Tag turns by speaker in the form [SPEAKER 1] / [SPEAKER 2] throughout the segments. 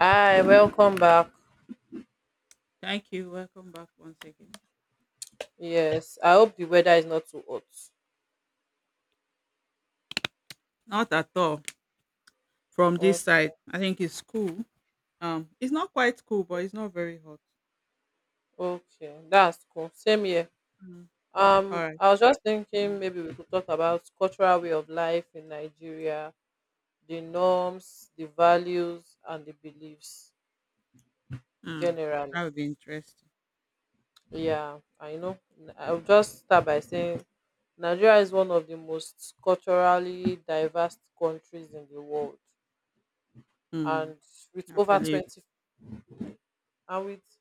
[SPEAKER 1] Hi, welcome back.
[SPEAKER 2] Thank you. Welcome back once again.
[SPEAKER 1] Yes, I hope the weather is not too hot.
[SPEAKER 2] Not at all from this
[SPEAKER 1] Okay,
[SPEAKER 2] side. I think it's cool. It's not quite cool, but it's not very hot.
[SPEAKER 1] okay, that's cool. Same here.
[SPEAKER 2] Mm. All right.
[SPEAKER 1] I was just
[SPEAKER 2] Mm.
[SPEAKER 1] thinking maybe we could talk about cultural way of life in Nigeria, the norms, the values, and the beliefs
[SPEAKER 2] Mm.
[SPEAKER 1] generally.
[SPEAKER 2] That would be interesting.
[SPEAKER 1] Yeah, I know. I'll just start by saying Nigeria is one of the most culturally diverse countries in the world,
[SPEAKER 2] Mm.
[SPEAKER 1] and with
[SPEAKER 2] I
[SPEAKER 1] over
[SPEAKER 2] believe.
[SPEAKER 1] 20 and with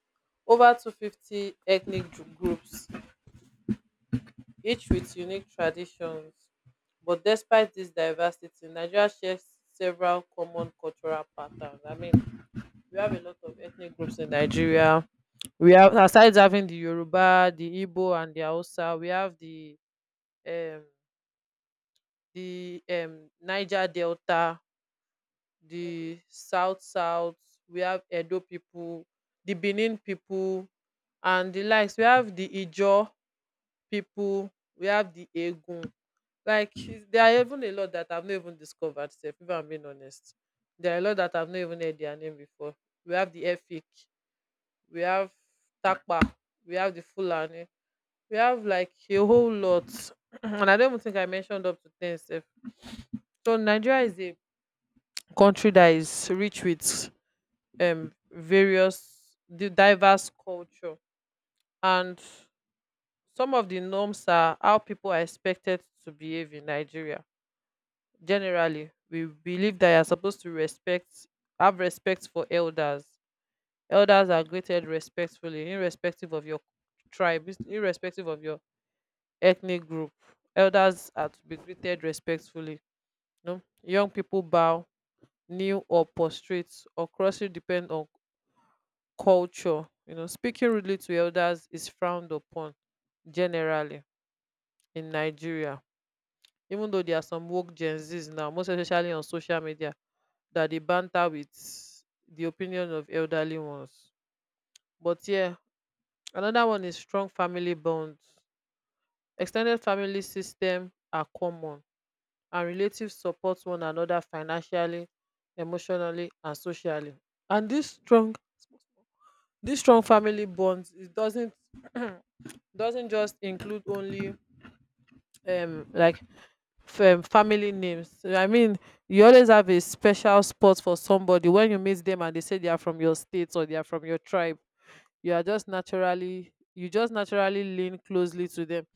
[SPEAKER 1] over 250 ethnic groups, each with unique traditions. But despite this diversity, Nigeria shares several common cultural patterns. I mean, we have a lot of ethnic groups in Nigeria. We have, aside having the Yoruba, the Igbo, and the Hausa, we have um, the Niger Delta, the South South. We have Edo people, the Benin people, and the likes. We have the Ijo people, we have the Egun. Like she's, there are even a lot that I've not even discovered. Sef, if I'm being honest, there are a lot that I've not even heard their name before. We have the Efik, we have Takpa, we have the Fulani, we have like a whole lot, and I don't even think I mentioned up to 10. Sef. So Nigeria is a country that is rich with various the diverse culture, and some of the norms are how people are expected to behave in Nigeria. Generally, we believe that you're supposed to respect have respect for elders. Elders are greeted respectfully irrespective of your tribe, irrespective of your ethnic group. Elders are to be greeted respectfully. No, young people bow, kneel, or prostrate, or crossing depend on culture. You know, speaking rudely to elders is frowned upon generally in Nigeria, even though there are some woke Gen Z's now, most especially on social media, that they banter with the opinion of elderly ones. But yeah, another one is strong family bonds. Extended family system are common, and relatives support one another financially, emotionally, and socially. And this strong family bonds, it doesn't doesn't just include only um like family names. I mean, you always have a special spot for somebody when you meet them and they say they are from your state or they are from your tribe. You just naturally lean closely to them.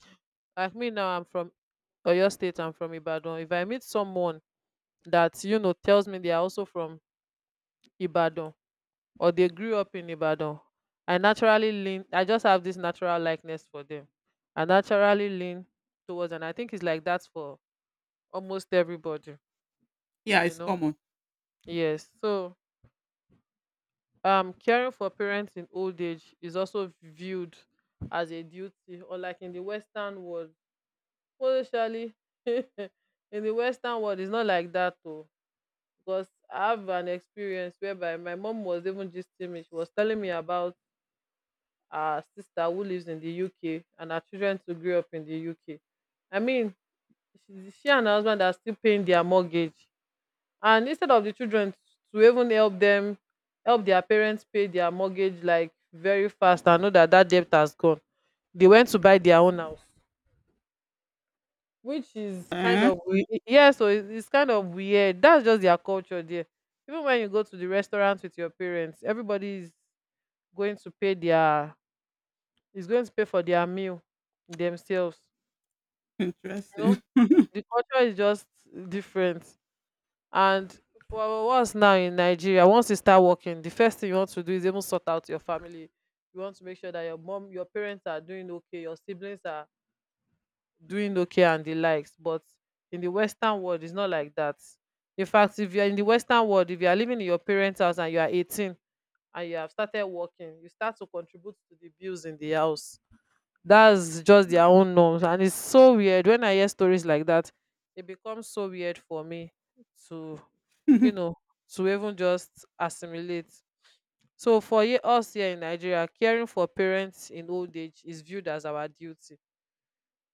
[SPEAKER 1] Like me now, I'm from Oyo State, I'm from Ibadan. If I meet someone that, you know, tells me they are also from Ibadan or they grew up in Ibadan, I just have this natural likeness for them. I naturally lean towards, and I think it's like that for almost everybody,
[SPEAKER 2] Yeah,
[SPEAKER 1] you
[SPEAKER 2] it's
[SPEAKER 1] know.
[SPEAKER 2] common.
[SPEAKER 1] Yes. So, caring for parents in old age is also viewed as a duty, or like in the Western world. Well, actually, in the Western world, it's not like that, though. Because I have an experience whereby my mom was even gisting me. She was telling me about her sister who lives in the UK and her children to grow up in the UK. I mean, she and her husband are still paying their mortgage. And instead of the children to even help their parents pay their mortgage like very fast and know that that debt has gone, they went to buy their own house, which is kind
[SPEAKER 2] Eh?
[SPEAKER 1] of yeah. So it's kind of weird. That's just their culture there. Even when you go to the restaurant with your parents, everybody is going to pay their is going to pay for their meal themselves. You
[SPEAKER 2] Interesting.
[SPEAKER 1] know, the culture is just different. And for our us now in Nigeria, once you start working, the first thing you want to do is even sort out your family. You want to make sure that your mom, your parents are doing okay, your siblings are doing okay and the likes. But in the Western world, it's not like that. In fact, if you're in the Western world, if you are living in your parents house and you are 18 and you have started working, you start to contribute to the bills in the house. That's just their own norms, and it's so weird when I hear stories like that. It becomes so weird for me to, you know, to even just assimilate. So for us here in Nigeria, caring for parents in old age is viewed as our duty.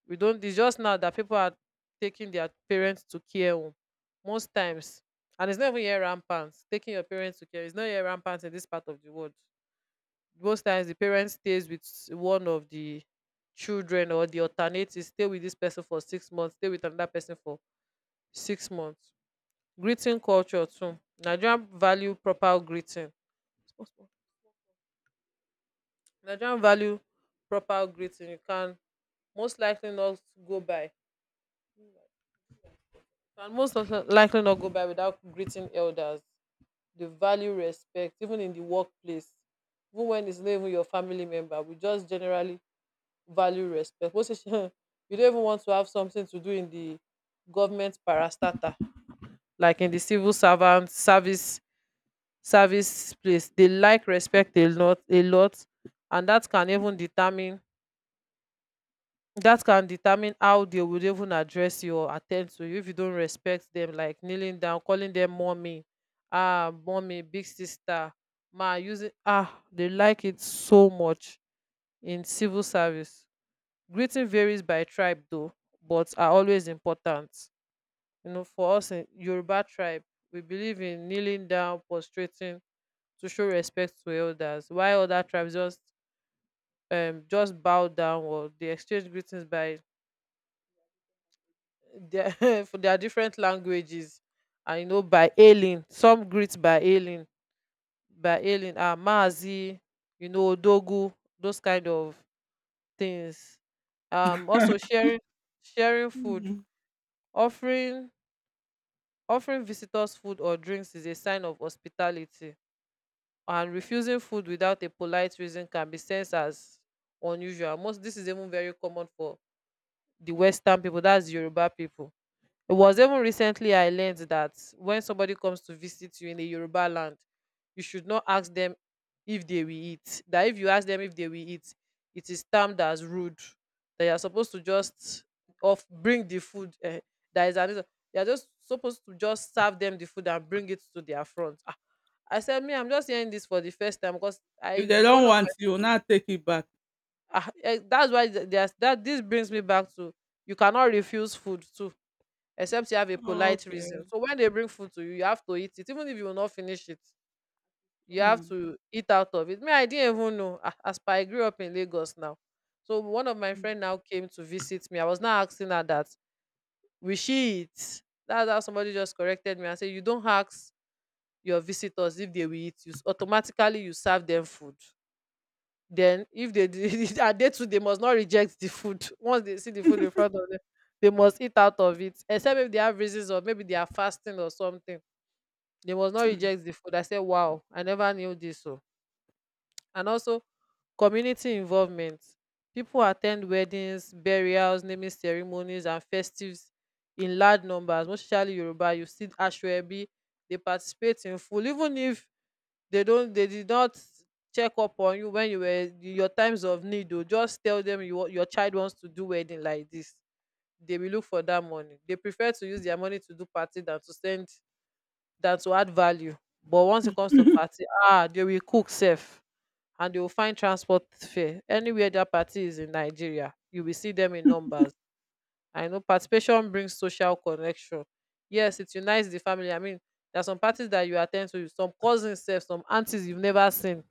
[SPEAKER 1] We don't, it's just now that people are taking their parents to care home most times. And it's not even here rampant taking your parents to care, it's not here rampant in this part of the world. Most times the parent stays with one of the children, or the alternate is stay with this person for 6 months, stay with another person for 6 months. Greeting culture too. nigerian value proper greeting Nigerian value proper greeting. You can most likely not go by and most likely not go by without greeting elders. The value respect even in the workplace, even when it's not even your family member. We just generally value respect. What's if you don't even want to have something to do in the government parastatal, like in the civil servant service service place. They like respect a lot, and that can determine how they would even address you or attend to you if you don't respect them, like kneeling down, calling them mommy, ah, mommy, big sister, ma, using ah, they like it so much in civil service. Greeting varies by tribe though, but are always important. You know, for us in Yoruba tribe, we believe in kneeling down, prostrating to show respect to elders, while other tribes just bow down or they exchange greetings by their for their different languages. And you know, by hailing, some greet by hailing, ah, Maazi, you know, Odogu, those kind of things. Also sharing food,
[SPEAKER 2] Mm.
[SPEAKER 1] offering Offering visitors food or drinks is a sign of hospitality, and refusing food without a polite reason can be sensed as unusual. Most this is even very common for the Western people, that's Yoruba people. It was even recently I learned that when somebody comes to visit you in a Yoruba land, you should not ask them if they will eat. That if you ask them if they will eat, it is termed as rude. They are supposed to just off bring the food. Eh, that is another. They are just supposed to just serve them the food and bring it to their front. Ah, I said, me, I'm just hearing this for the first time because
[SPEAKER 2] If
[SPEAKER 1] I
[SPEAKER 2] they
[SPEAKER 1] one
[SPEAKER 2] don't
[SPEAKER 1] of
[SPEAKER 2] want you, now take it back.
[SPEAKER 1] my, ah, that's why there's that. This brings me back to you cannot refuse food too except you have a
[SPEAKER 2] Oh,
[SPEAKER 1] polite reason.
[SPEAKER 2] okay.
[SPEAKER 1] So when they bring food to you, you have to eat it, even if you will not finish it. You have
[SPEAKER 2] Mm.
[SPEAKER 1] to eat out of it. Me, I didn't even know. Ah, as per I grew up in Lagos now, so one of my
[SPEAKER 2] Mm.
[SPEAKER 1] friend now came to visit me. I was now asking her that will she eat? That's how somebody just corrected me and said you don't ask your visitors if they will eat. Automatically you serve them food. Then if they did are they too they must not reject the food. Once they see the food in front of them, they must eat out of it. Except if they have reasons or maybe they are fasting or something. They must not reject the food. I said, wow, I never knew this. So and also community involvement. People attend weddings, burials, naming ceremonies, and festives in large numbers, most especially Yoruba. You see Ashwebi, they participate in full, even if they did not check up on you when you were your times of need o, just tell them you, your child wants to do wedding like this, they will look for that money. They prefer to use their money to do party than to add value. But once it comes to party, ah, they will cook sef, and they will find transport fare anywhere that party is in Nigeria. You will see them in numbers. I know participation brings social connection. Yes, it unites the family. I mean, there are some parties that you attend to, some cousins, sef, some aunties you've never seen.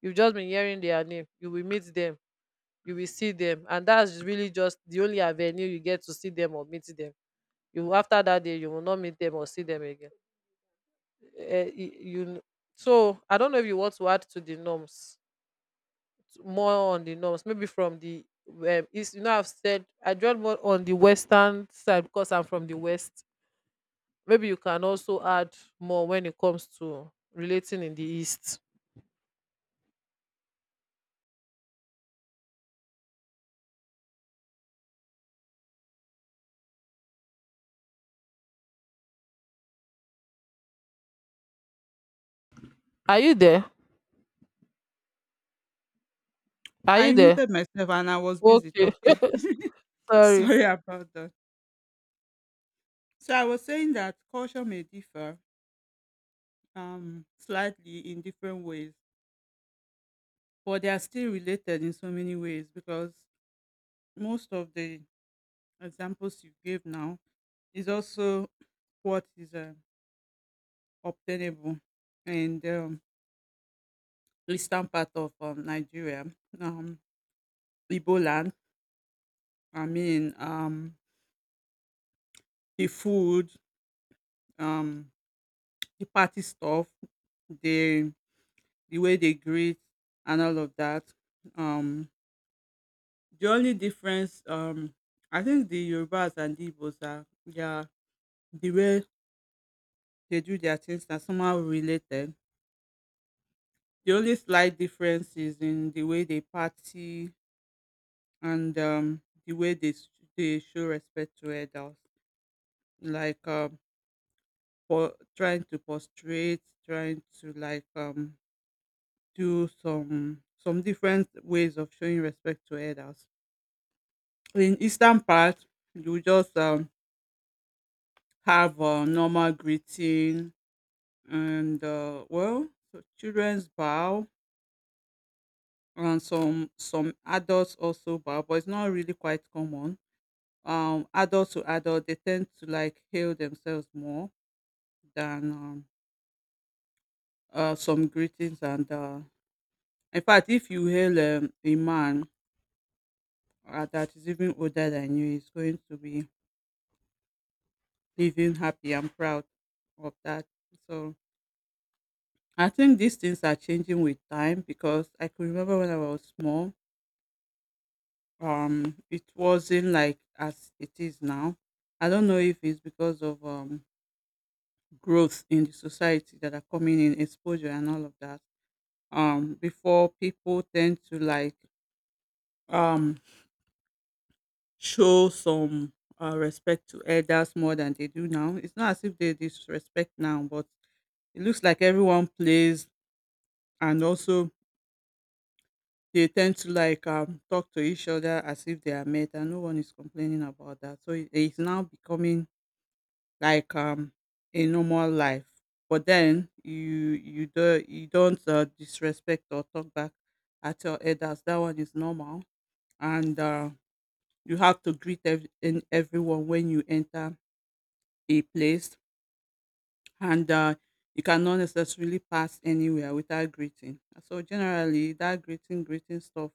[SPEAKER 1] You've just been hearing their name. You will meet them. You will see them. And that's really just the only avenue you get to see them or meet them. You after that day, you will not meet them or see them again. Eh, y- you kn- so I don't know if you want to add to the norms, more on the norms, maybe from the east. I've said I draw more on the western side because I'm from the west. Maybe you can also add more when it comes to relating in the East. Are you there? Are you
[SPEAKER 2] I
[SPEAKER 1] there?
[SPEAKER 2] muted myself and I was busy
[SPEAKER 1] Okay,
[SPEAKER 2] talking.
[SPEAKER 1] sorry.
[SPEAKER 2] Sorry about that. So I was saying that culture may differ slightly in different ways, but they are still related in so many ways because most of the examples you gave now is also what is obtainable in the eastern part of Nigeria, um Igbo land. I mean, the food, um the party stuff, the the way they greet, and all of that. Um The only difference, I think the Yorubas and the Igbos are they the way they do their things are somehow related. The only slight difference is in the way they party, and the way they they show respect to adults, like trying to prostrate, trying to like do some different ways of showing respect to adults. In eastern part, you just have a normal greeting, and well, so children's bow, and some adults also bow, but it's not really quite common. Adult to adult, they tend to like hail themselves more than some greetings. And in fact, if you hail a man that is even older than you, he's going to be living happy and proud of that. So I think these things are changing with time, because I can remember when I was small, it wasn't like as it is now. I don't know if it's because of growth in the society that are coming in, exposure, and all of that. Before, people tend to like um show some respect to elders more than they do now. It's not as if they disrespect now, but it looks like everyone plays, and also they tend to like talk to each other as if they are met, and no one is complaining about that. So it's now becoming like a normal life, but then you don't disrespect or talk back at your elders. That one is normal, and you have to greet in everyone when you enter a place, and you cannot necessarily pass anywhere without greeting. So generally that greeting stuff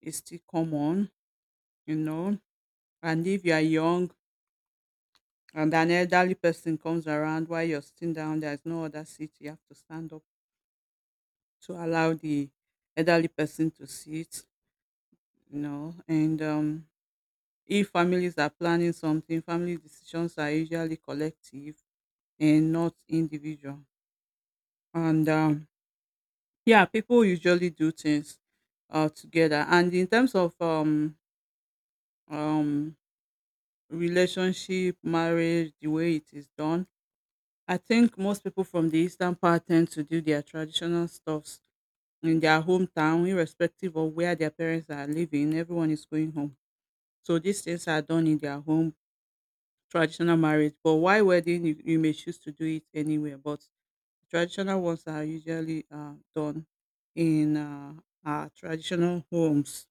[SPEAKER 2] is still common. You know and if you are young and an elderly person comes around while you're sitting down, there's no other seat. You have to stand up to allow the elderly person to sit. And if families are planning something, family decisions are usually collective and not individual. And yeah, people usually do things together. And in terms of um, relationship, marriage, the way it is done, I think most people from the eastern part tend to do their traditional stuffs in their hometown, irrespective of where their parents are living. Everyone is going home. So these things are done in their home, traditional marriage. But why wedding, you may choose to do it anywhere. But traditional ones are usually done in our traditional homes.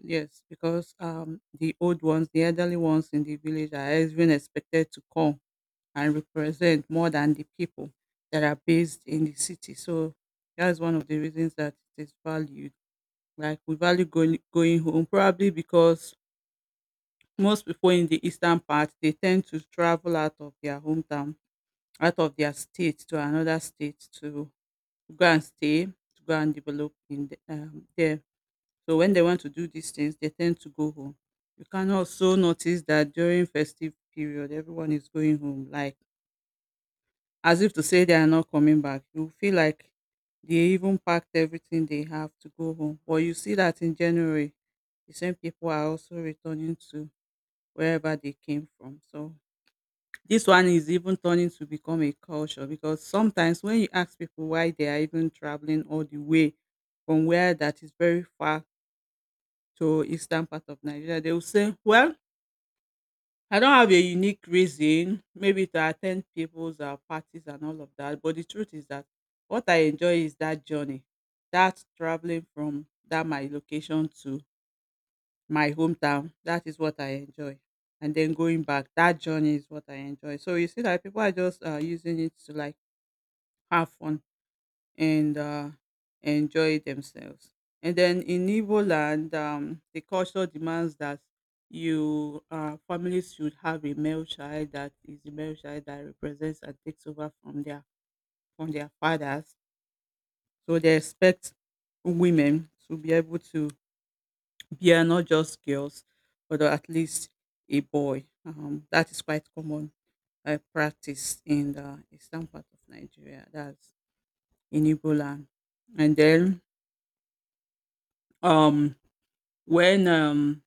[SPEAKER 2] Yes, because the old ones, the elderly ones in the village are even expected to come and represent more than the people that are based in the city. So that's one of the reasons that it is valued. Like we value going home, probably because most people in the eastern part, they tend to travel out of their hometown, out of their state to another state to go and stay, to go and develop in there. So when they want to do these things, they tend to go home. You can also notice that during festive period, everyone is going home, like as if to say they are not coming back. You feel like they even packed everything they have to go home. But you see that in January, the same people are also returning to wherever they came from. So this one is even turning to become a culture, because sometimes when you ask people why they are even traveling all the way from where that is very far to eastern part of Nigeria, they will say, "Well, I don't have a unique reason, maybe to attend people's parties and all of that." But the truth is that what I enjoy is that journey, that traveling from that my location to my hometown. That is what I enjoy, and then going back, that journey is what I enjoy. So you see that people are just using it to like have fun and enjoy themselves. And then in Igbo land, the culture demands that you families should have a male child, that is, the male child that represents and takes over from their fathers. So they expect women to be able to bear not just girls, but at least a boy. That is quite common practice in the eastern part of Nigeria. That's in Igbo land. And then um when um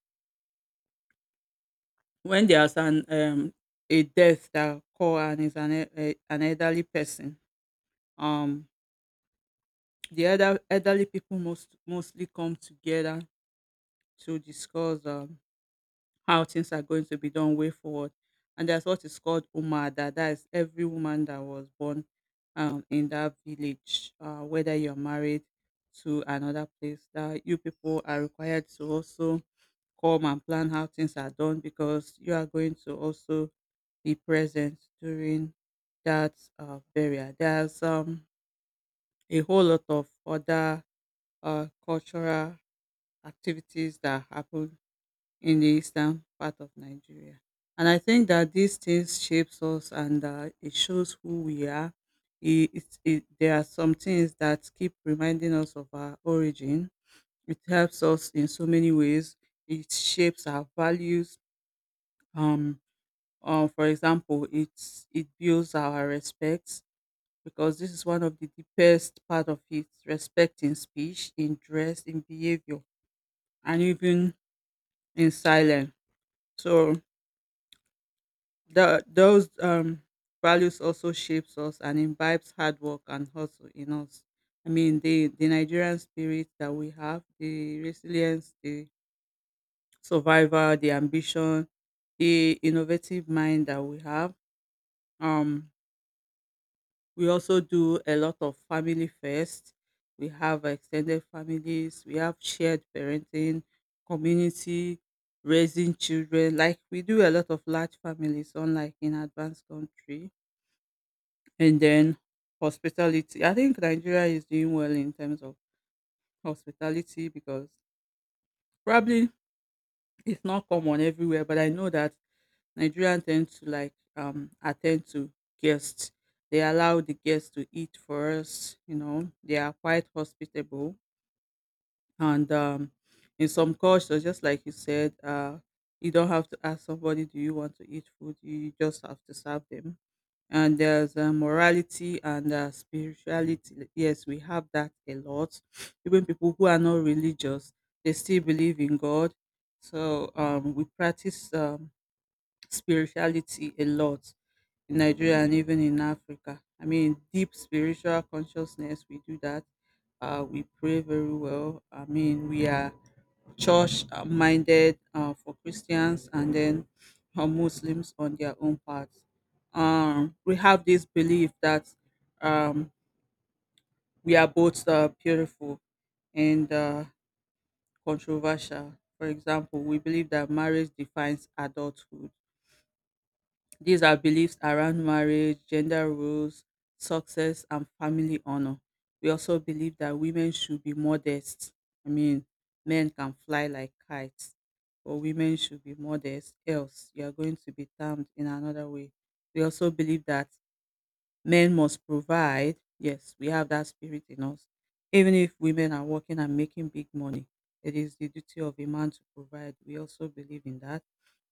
[SPEAKER 2] when there's an a death that occur, and is an elderly person, um the elderly people mostly come together to discuss how things are going to be done way forward. And that's what is called Umada. That is, every woman that was born in that village, whether you're married to another place, that you people are required to also come and plan how things are done, because you are going to also be present during that burial. There's a whole lot of other cultural activities that happen in the eastern part of Nigeria. And I think that these things shapes us, and it shows who we are. There are some things that keep reminding us of our origin. It helps us in so many ways. It shapes our values. Um, for example, it builds our respect, because this is one of the deepest part of it, respect in speech, in dress, in behavior, and even in silence. So those values also shapes us and imbibes hard work and hustle in us. I mean, the Nigerian spirit that we have, the resilience, the survival, the ambition, the innovative mind that we have. Um, we also do a lot of family first. We have extended families. We have shared parenting, community, raising children. Like we do a lot of large families, unlike in advanced country. And then hospitality. I think Nigeria is doing well in terms of hospitality, because probably it's not common everywhere, but I know that Nigerians tend to like attend to guests. They allow the guests to eat for us. They are quite hospitable. And in some cultures, just like you said, you don't have to ask somebody, do you want to eat food? You just have to serve them. And there's morality and spirituality. Yes, we have that a lot. Even people who are not religious, they still believe in God. So we practice. Spirituality a lot in Nigeria and even in Africa. I mean, deep spiritual consciousness, we do that. We pray very well. I mean, we are church minded for Christians, and then Muslims on their own part. We have this belief that um, we are both beautiful and controversial. For example, we believe that marriage defines adulthood. These are beliefs around marriage, gender roles, success, and family honor. We also believe that women should be modest. I mean, men can fly like kites, but women should be modest, else, you are going to be termed in another way. We also believe that men must provide. Yes, we have that spirit in us. Even if women are working and making big money, it is the duty of a man to provide. We also believe in that.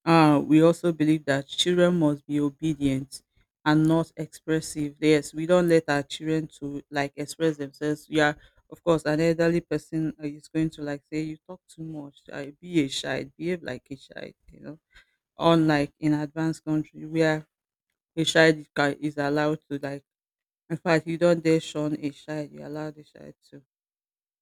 [SPEAKER 2] We also believe that children must be obedient and not expressive. Yes, we don't let our children to like express themselves. Yeah, of course, an elderly person is going to like say, "You talk too much. I be a child. Behave like a child." You know, unlike in advanced country where a child is allowed to like. In fact, you don't dare shun a child. You allow the child to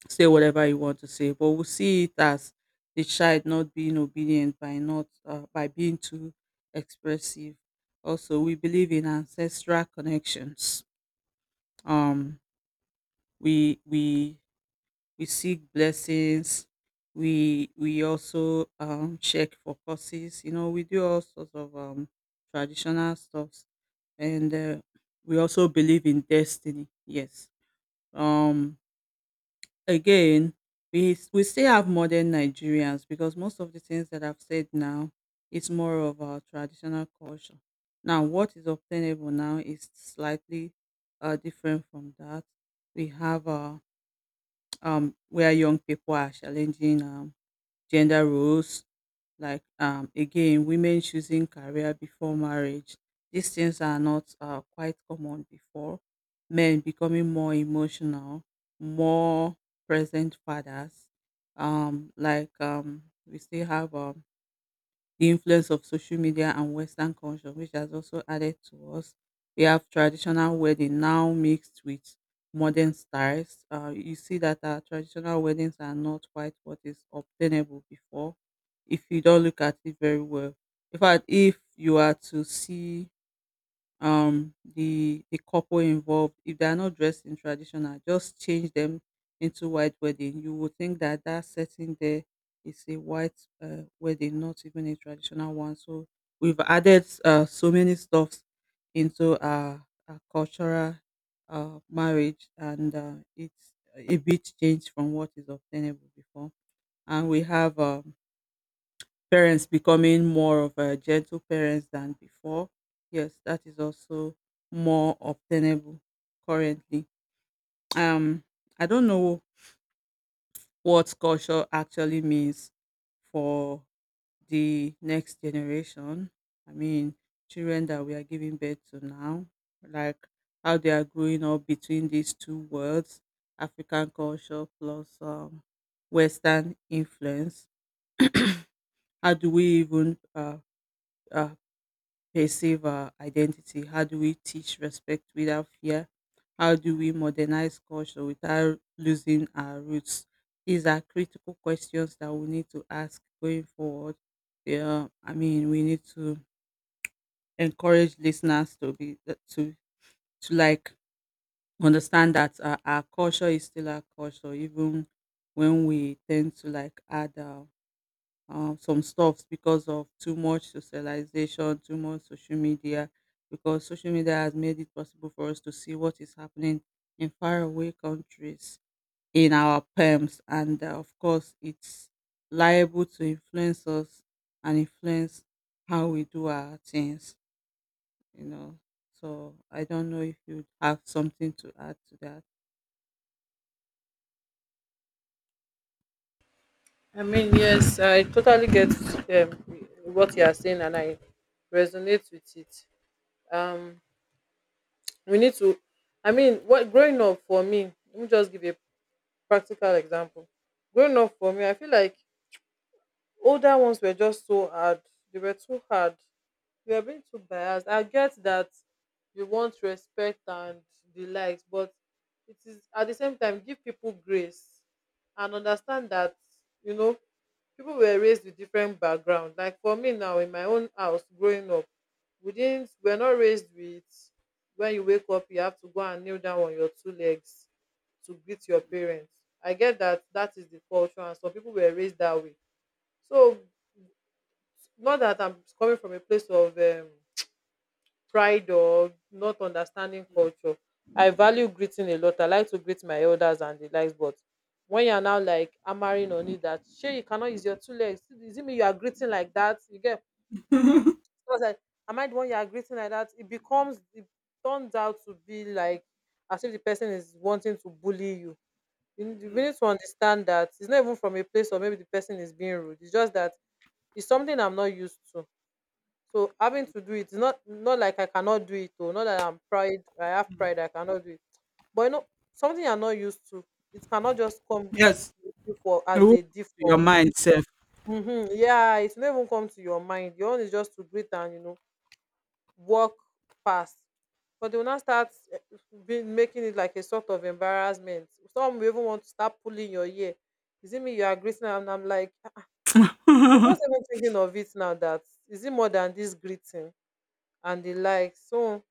[SPEAKER 2] say whatever you want to say, but we see it as the child not being obedient by not by being too expressive. Also, we believe in ancestral connections. Um we we we seek blessings. We also check for curses. We do all sorts of traditional stuffs, and we also believe in destiny. Yes. Um Again, we still have modern Nigerians, because most of the things that I've said now is more of our traditional culture. Now, what is obtainable now is slightly different from that. We have where young people are challenging gender roles, like again, women choosing career before marriage. These things are not quite common before. Men becoming more emotional, more present fathers. Like we still have the influence of social media and Western culture, which has also added to us. We have traditional wedding now mixed with modern styles. You see that our traditional weddings are not quite what is obtainable before, if you don't look at it very well. In fact, if you are to see the couple involved, if they are not dressed in traditional, just change them into white wedding, you would think that that setting there is a white wedding, not even a traditional one. So we've added so many stuffs into our cultural marriage, and it's a bit changed from what is obtainable before. And we have parents becoming more of a gentle parents than before. Yes, that is also more obtainable currently. Um, I don't know what culture actually means for the next generation. I mean, children that we are giving birth to now, like how they are growing up between these two worlds, African culture plus Western influence. How do we even uh, perceive our identity? How do we teach respect without fear? How do we modernize culture without losing our roots? These are critical questions that we need to ask going forward. Yeah, I mean, we need to encourage listeners to be, to to like understand that our culture is still our culture, even when we tend to like add some stuffs because of too much socialization, too much social media, because social media has made it possible for us to see what is happening in faraway countries in our perms. And of course, it's liable to influence us and influence how we do our things, you know. So I don't know if you have something to add to that.
[SPEAKER 1] I mean, yes, I totally get um, what you are saying, and I resonate with it. Um, we need to. I mean, what growing up for me. Let me just give you a practical example. Growing up for me, I feel like older ones were just so hard. They were too hard, you are being too biased, I get that. You want respect and the likes, but it is at the same time give people grace and understand that, you know, people were raised with different background. Like for me now, in my own house growing up, we're not raised with, when you wake up you have to go and kneel down on your two legs to greet your parents. I get that, that is the culture and some people were raised that way. So not that I'm coming from a place of pride or not understanding culture. I value greeting a lot. I like to greet my elders and the likes, but when you're now like hammering on it that sure you cannot use your two legs. Is it me you are greeting like that? You get. So I was like, am I the one you are greeting like that? It turns out to be like as if the person is wanting to bully you. You need you
[SPEAKER 2] Mm,
[SPEAKER 1] need to understand that it's not even from a place, or maybe the person is being rude. It's just that it's something I'm not used to. So having
[SPEAKER 2] mm,
[SPEAKER 1] to do it, it's not, not like I cannot do it, or not that I'm pride, I have
[SPEAKER 2] mm.
[SPEAKER 1] pride I cannot do it. But you know, something you're not used to, it cannot just come
[SPEAKER 2] Yes.
[SPEAKER 1] with you for as a
[SPEAKER 2] Your
[SPEAKER 1] default.
[SPEAKER 2] mind self.
[SPEAKER 1] Mm-hmm. Yeah, it's not even come to your mind. Your own is just to greet and you know, walk past. But they will not start being making it like a sort of embarrassment. Some will even want to start pulling your ear. Is it me you are greeting? And I'm like, "Ah, I'm just even thinking of it now that is it more than this greeting and the like." So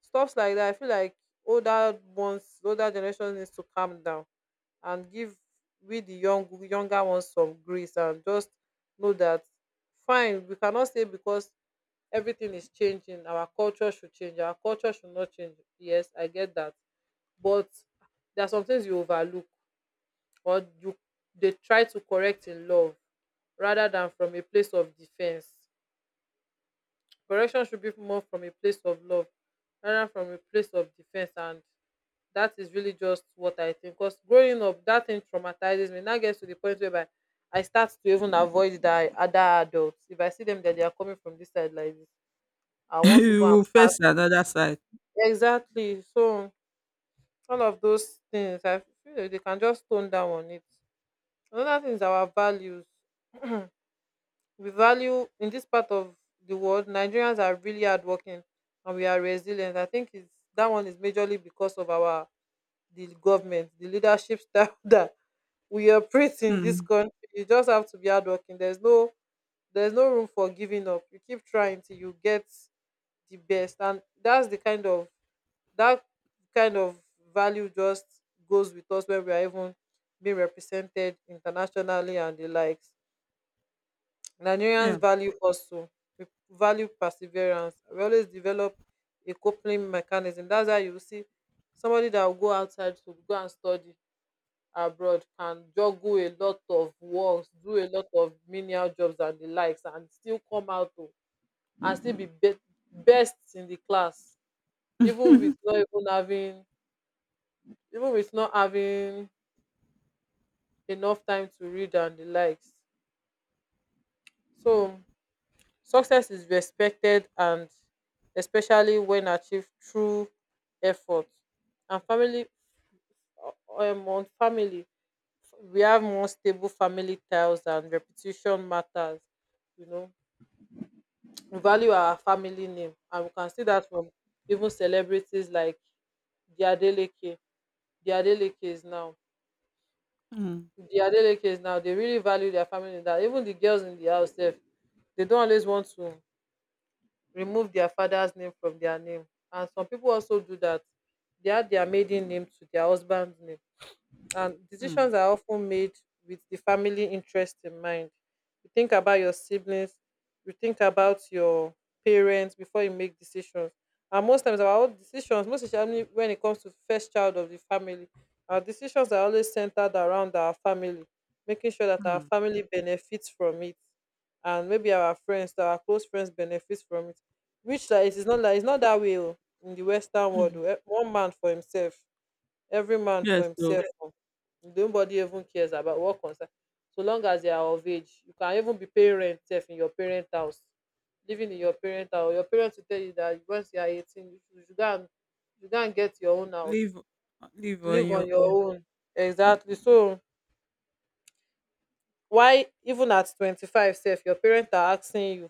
[SPEAKER 1] stuffs like that. I feel like older ones, older generation needs to calm down and give we the young younger ones some grace and just know that fine, we cannot say because everything is changing, our culture should change, our culture should not change. Yes, I get that. But there are some things you overlook or you, they try to correct in love rather than from a place of defense. Correction should be more from a place of love rather than from a place of defense, and that is really just what I think. Because growing up, that thing traumatizes me. Now gets to the point whereby I start to even avoid that other adults. If I see them that they are coming from this side like this, I want to go
[SPEAKER 2] You
[SPEAKER 1] and
[SPEAKER 2] will
[SPEAKER 1] pass.
[SPEAKER 2] face another side.
[SPEAKER 1] Exactly. So all of those things, I feel like they can just tone down on it. Another thing is our values. We value in this part of the world, Nigerians are really hardworking and we are resilient. I think it's that one is majorly because of our the government, the leadership style that we operate in this
[SPEAKER 2] Mm,
[SPEAKER 1] country. You just have to be hardworking. There's no room for giving up. You keep trying till you get the best, and that's the kind of that kind of value just goes with us when we are even being represented internationally and the likes. Nigerians
[SPEAKER 2] yeah.
[SPEAKER 1] value also, we value perseverance. We always develop a coping mechanism. That's how you see somebody that will go outside to go and study abroad, can juggle a lot of works, do a lot of menial jobs and the likes, and still come out to and still be best in the class, even with not even having even with not having enough time to read and the likes. So success is respected, and especially when achieved through effort. And family, on family we have more stable family ties and reputation matters, you know. We value our family name and we can see that from even celebrities like Diadeleke. Diadeleke is now
[SPEAKER 2] Mm,
[SPEAKER 1] Diadeleke is now, they really value their family name that even the girls in the house sef, they not always want to remove their father's name from their name. And some people also do that, they add their maiden name to their husband's name. And
[SPEAKER 2] mm,
[SPEAKER 1] decisions are often made with the family interest in mind. You think about your siblings, you think about your parents before you make decisions. And most times our decisions, most especially when it comes to first child of the family, our decisions are always centered around our family, making sure that our
[SPEAKER 2] mm,
[SPEAKER 1] family benefits from it, and maybe our friends, our close friends benefits from it. Which like, it is not like it's not that way oh, in the Western world.
[SPEAKER 2] mm.
[SPEAKER 1] Oh, one man for himself, every man for
[SPEAKER 2] Yes, so
[SPEAKER 1] himself oh. Nobody even cares about what concern, so long as they are of age. You can even be paying rent sef in your parent house, living in your parent house. Your parents will tell you that once you are 18, you should go and you go and get your own house,
[SPEAKER 2] live live on
[SPEAKER 1] live on
[SPEAKER 2] your
[SPEAKER 1] your
[SPEAKER 2] own.
[SPEAKER 1] own. Exactly. So why even at 25 sef your parents are asking you,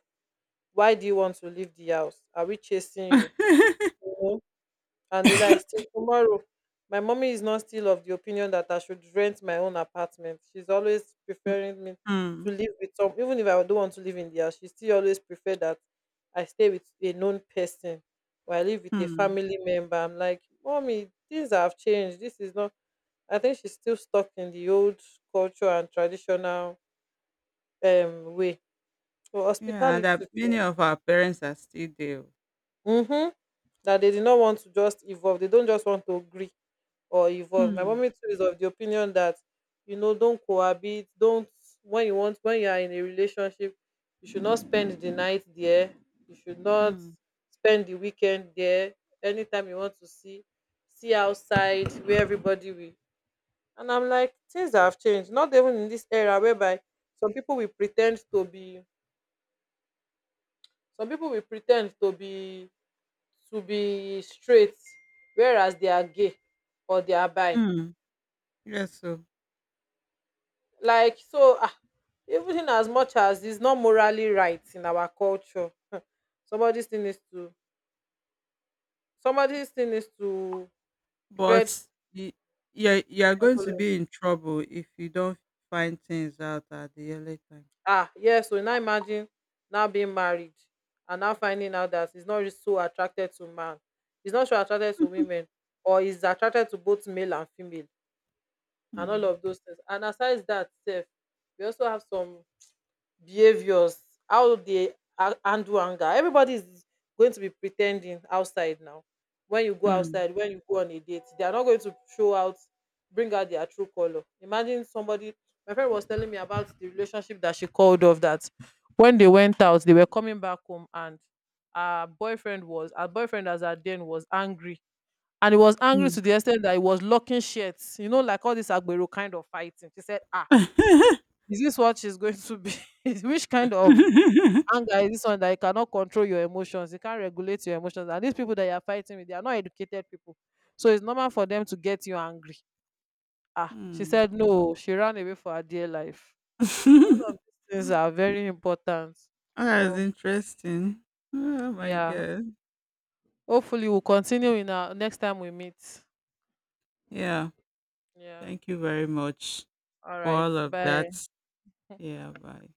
[SPEAKER 1] why do you want to leave the house, are we chasing you? And the likes till tomorrow. My mommy is not still of the opinion that I should rent my own apartment. She's always
[SPEAKER 2] Mm,
[SPEAKER 1] preferring me to
[SPEAKER 2] mm,
[SPEAKER 1] live with some, even if I don't want to live in there, she still always prefer that I stay with a known person or I live with a
[SPEAKER 2] mm.
[SPEAKER 1] family member. I'm like, mommy, things have changed. This is not, I think she's still stuck in the old culture and traditional way. So
[SPEAKER 2] Yeah, and that
[SPEAKER 1] hospitality, too.
[SPEAKER 2] many of our parents are still there. Oh.
[SPEAKER 1] Mm-hmm, that they did not want to just evolve. They don't just want to agree or evolve. My
[SPEAKER 2] Mm,
[SPEAKER 1] mommy too is of the opinion that, you know, don't cohabit, don't, when you want, when you are in a relationship, you should not spend the night there, you should not
[SPEAKER 2] mm,
[SPEAKER 1] spend the weekend there. Anytime you want to see, see outside where everybody will. And I'm like, things have changed. Not even in this era whereby some people will pretend to be some people will pretend to be straight, whereas they are gay or they are bi.
[SPEAKER 2] mm. Yes, so
[SPEAKER 1] Like so ah, even in as much as it's not morally right in our culture, somebody still needs to somebody still needs to tread
[SPEAKER 2] but you're going to
[SPEAKER 1] carefully.
[SPEAKER 2] be in trouble if you don't find things out at the early time.
[SPEAKER 1] Ah, yes, so now imagine now being married and now finding out that he's not really so attracted to man, he's not so attracted to women, or he's attracted to both male and female, and all
[SPEAKER 2] Mm,
[SPEAKER 1] of those things. And aside that, sef, we also have some behaviors, how they handle anger. Everybody is going to be pretending outside now. When you go
[SPEAKER 2] mm,
[SPEAKER 1] outside, when you go on a date, they are not going to show out, bring out their true color. Imagine somebody. My friend was telling me about the relationship that she called off. That when they went out, they were coming back home, and her boyfriend as at then was angry. And he was angry
[SPEAKER 2] mm.
[SPEAKER 1] to the extent that he was locking shirts, you know, like all this Agbero kind of fighting. She said, ah, is this what she's going to be? Which kind of anger is this one that you cannot control your emotions, you can't regulate your emotions, and these people that you're fighting with, they are not educated people, so it's normal for them to get you angry. Ah, she
[SPEAKER 2] Mm.
[SPEAKER 1] said no, she ran away for her dear life. So all of these things are very important.
[SPEAKER 2] That's
[SPEAKER 1] But
[SPEAKER 2] interesting. Oh my
[SPEAKER 1] yeah,
[SPEAKER 2] god.
[SPEAKER 1] hopefully we'll continue in our next time we meet.
[SPEAKER 2] Yeah.
[SPEAKER 1] Yeah,
[SPEAKER 2] Thank you very much
[SPEAKER 1] all
[SPEAKER 2] for
[SPEAKER 1] right,
[SPEAKER 2] all of that.
[SPEAKER 1] bye.
[SPEAKER 2] Yeah, bye.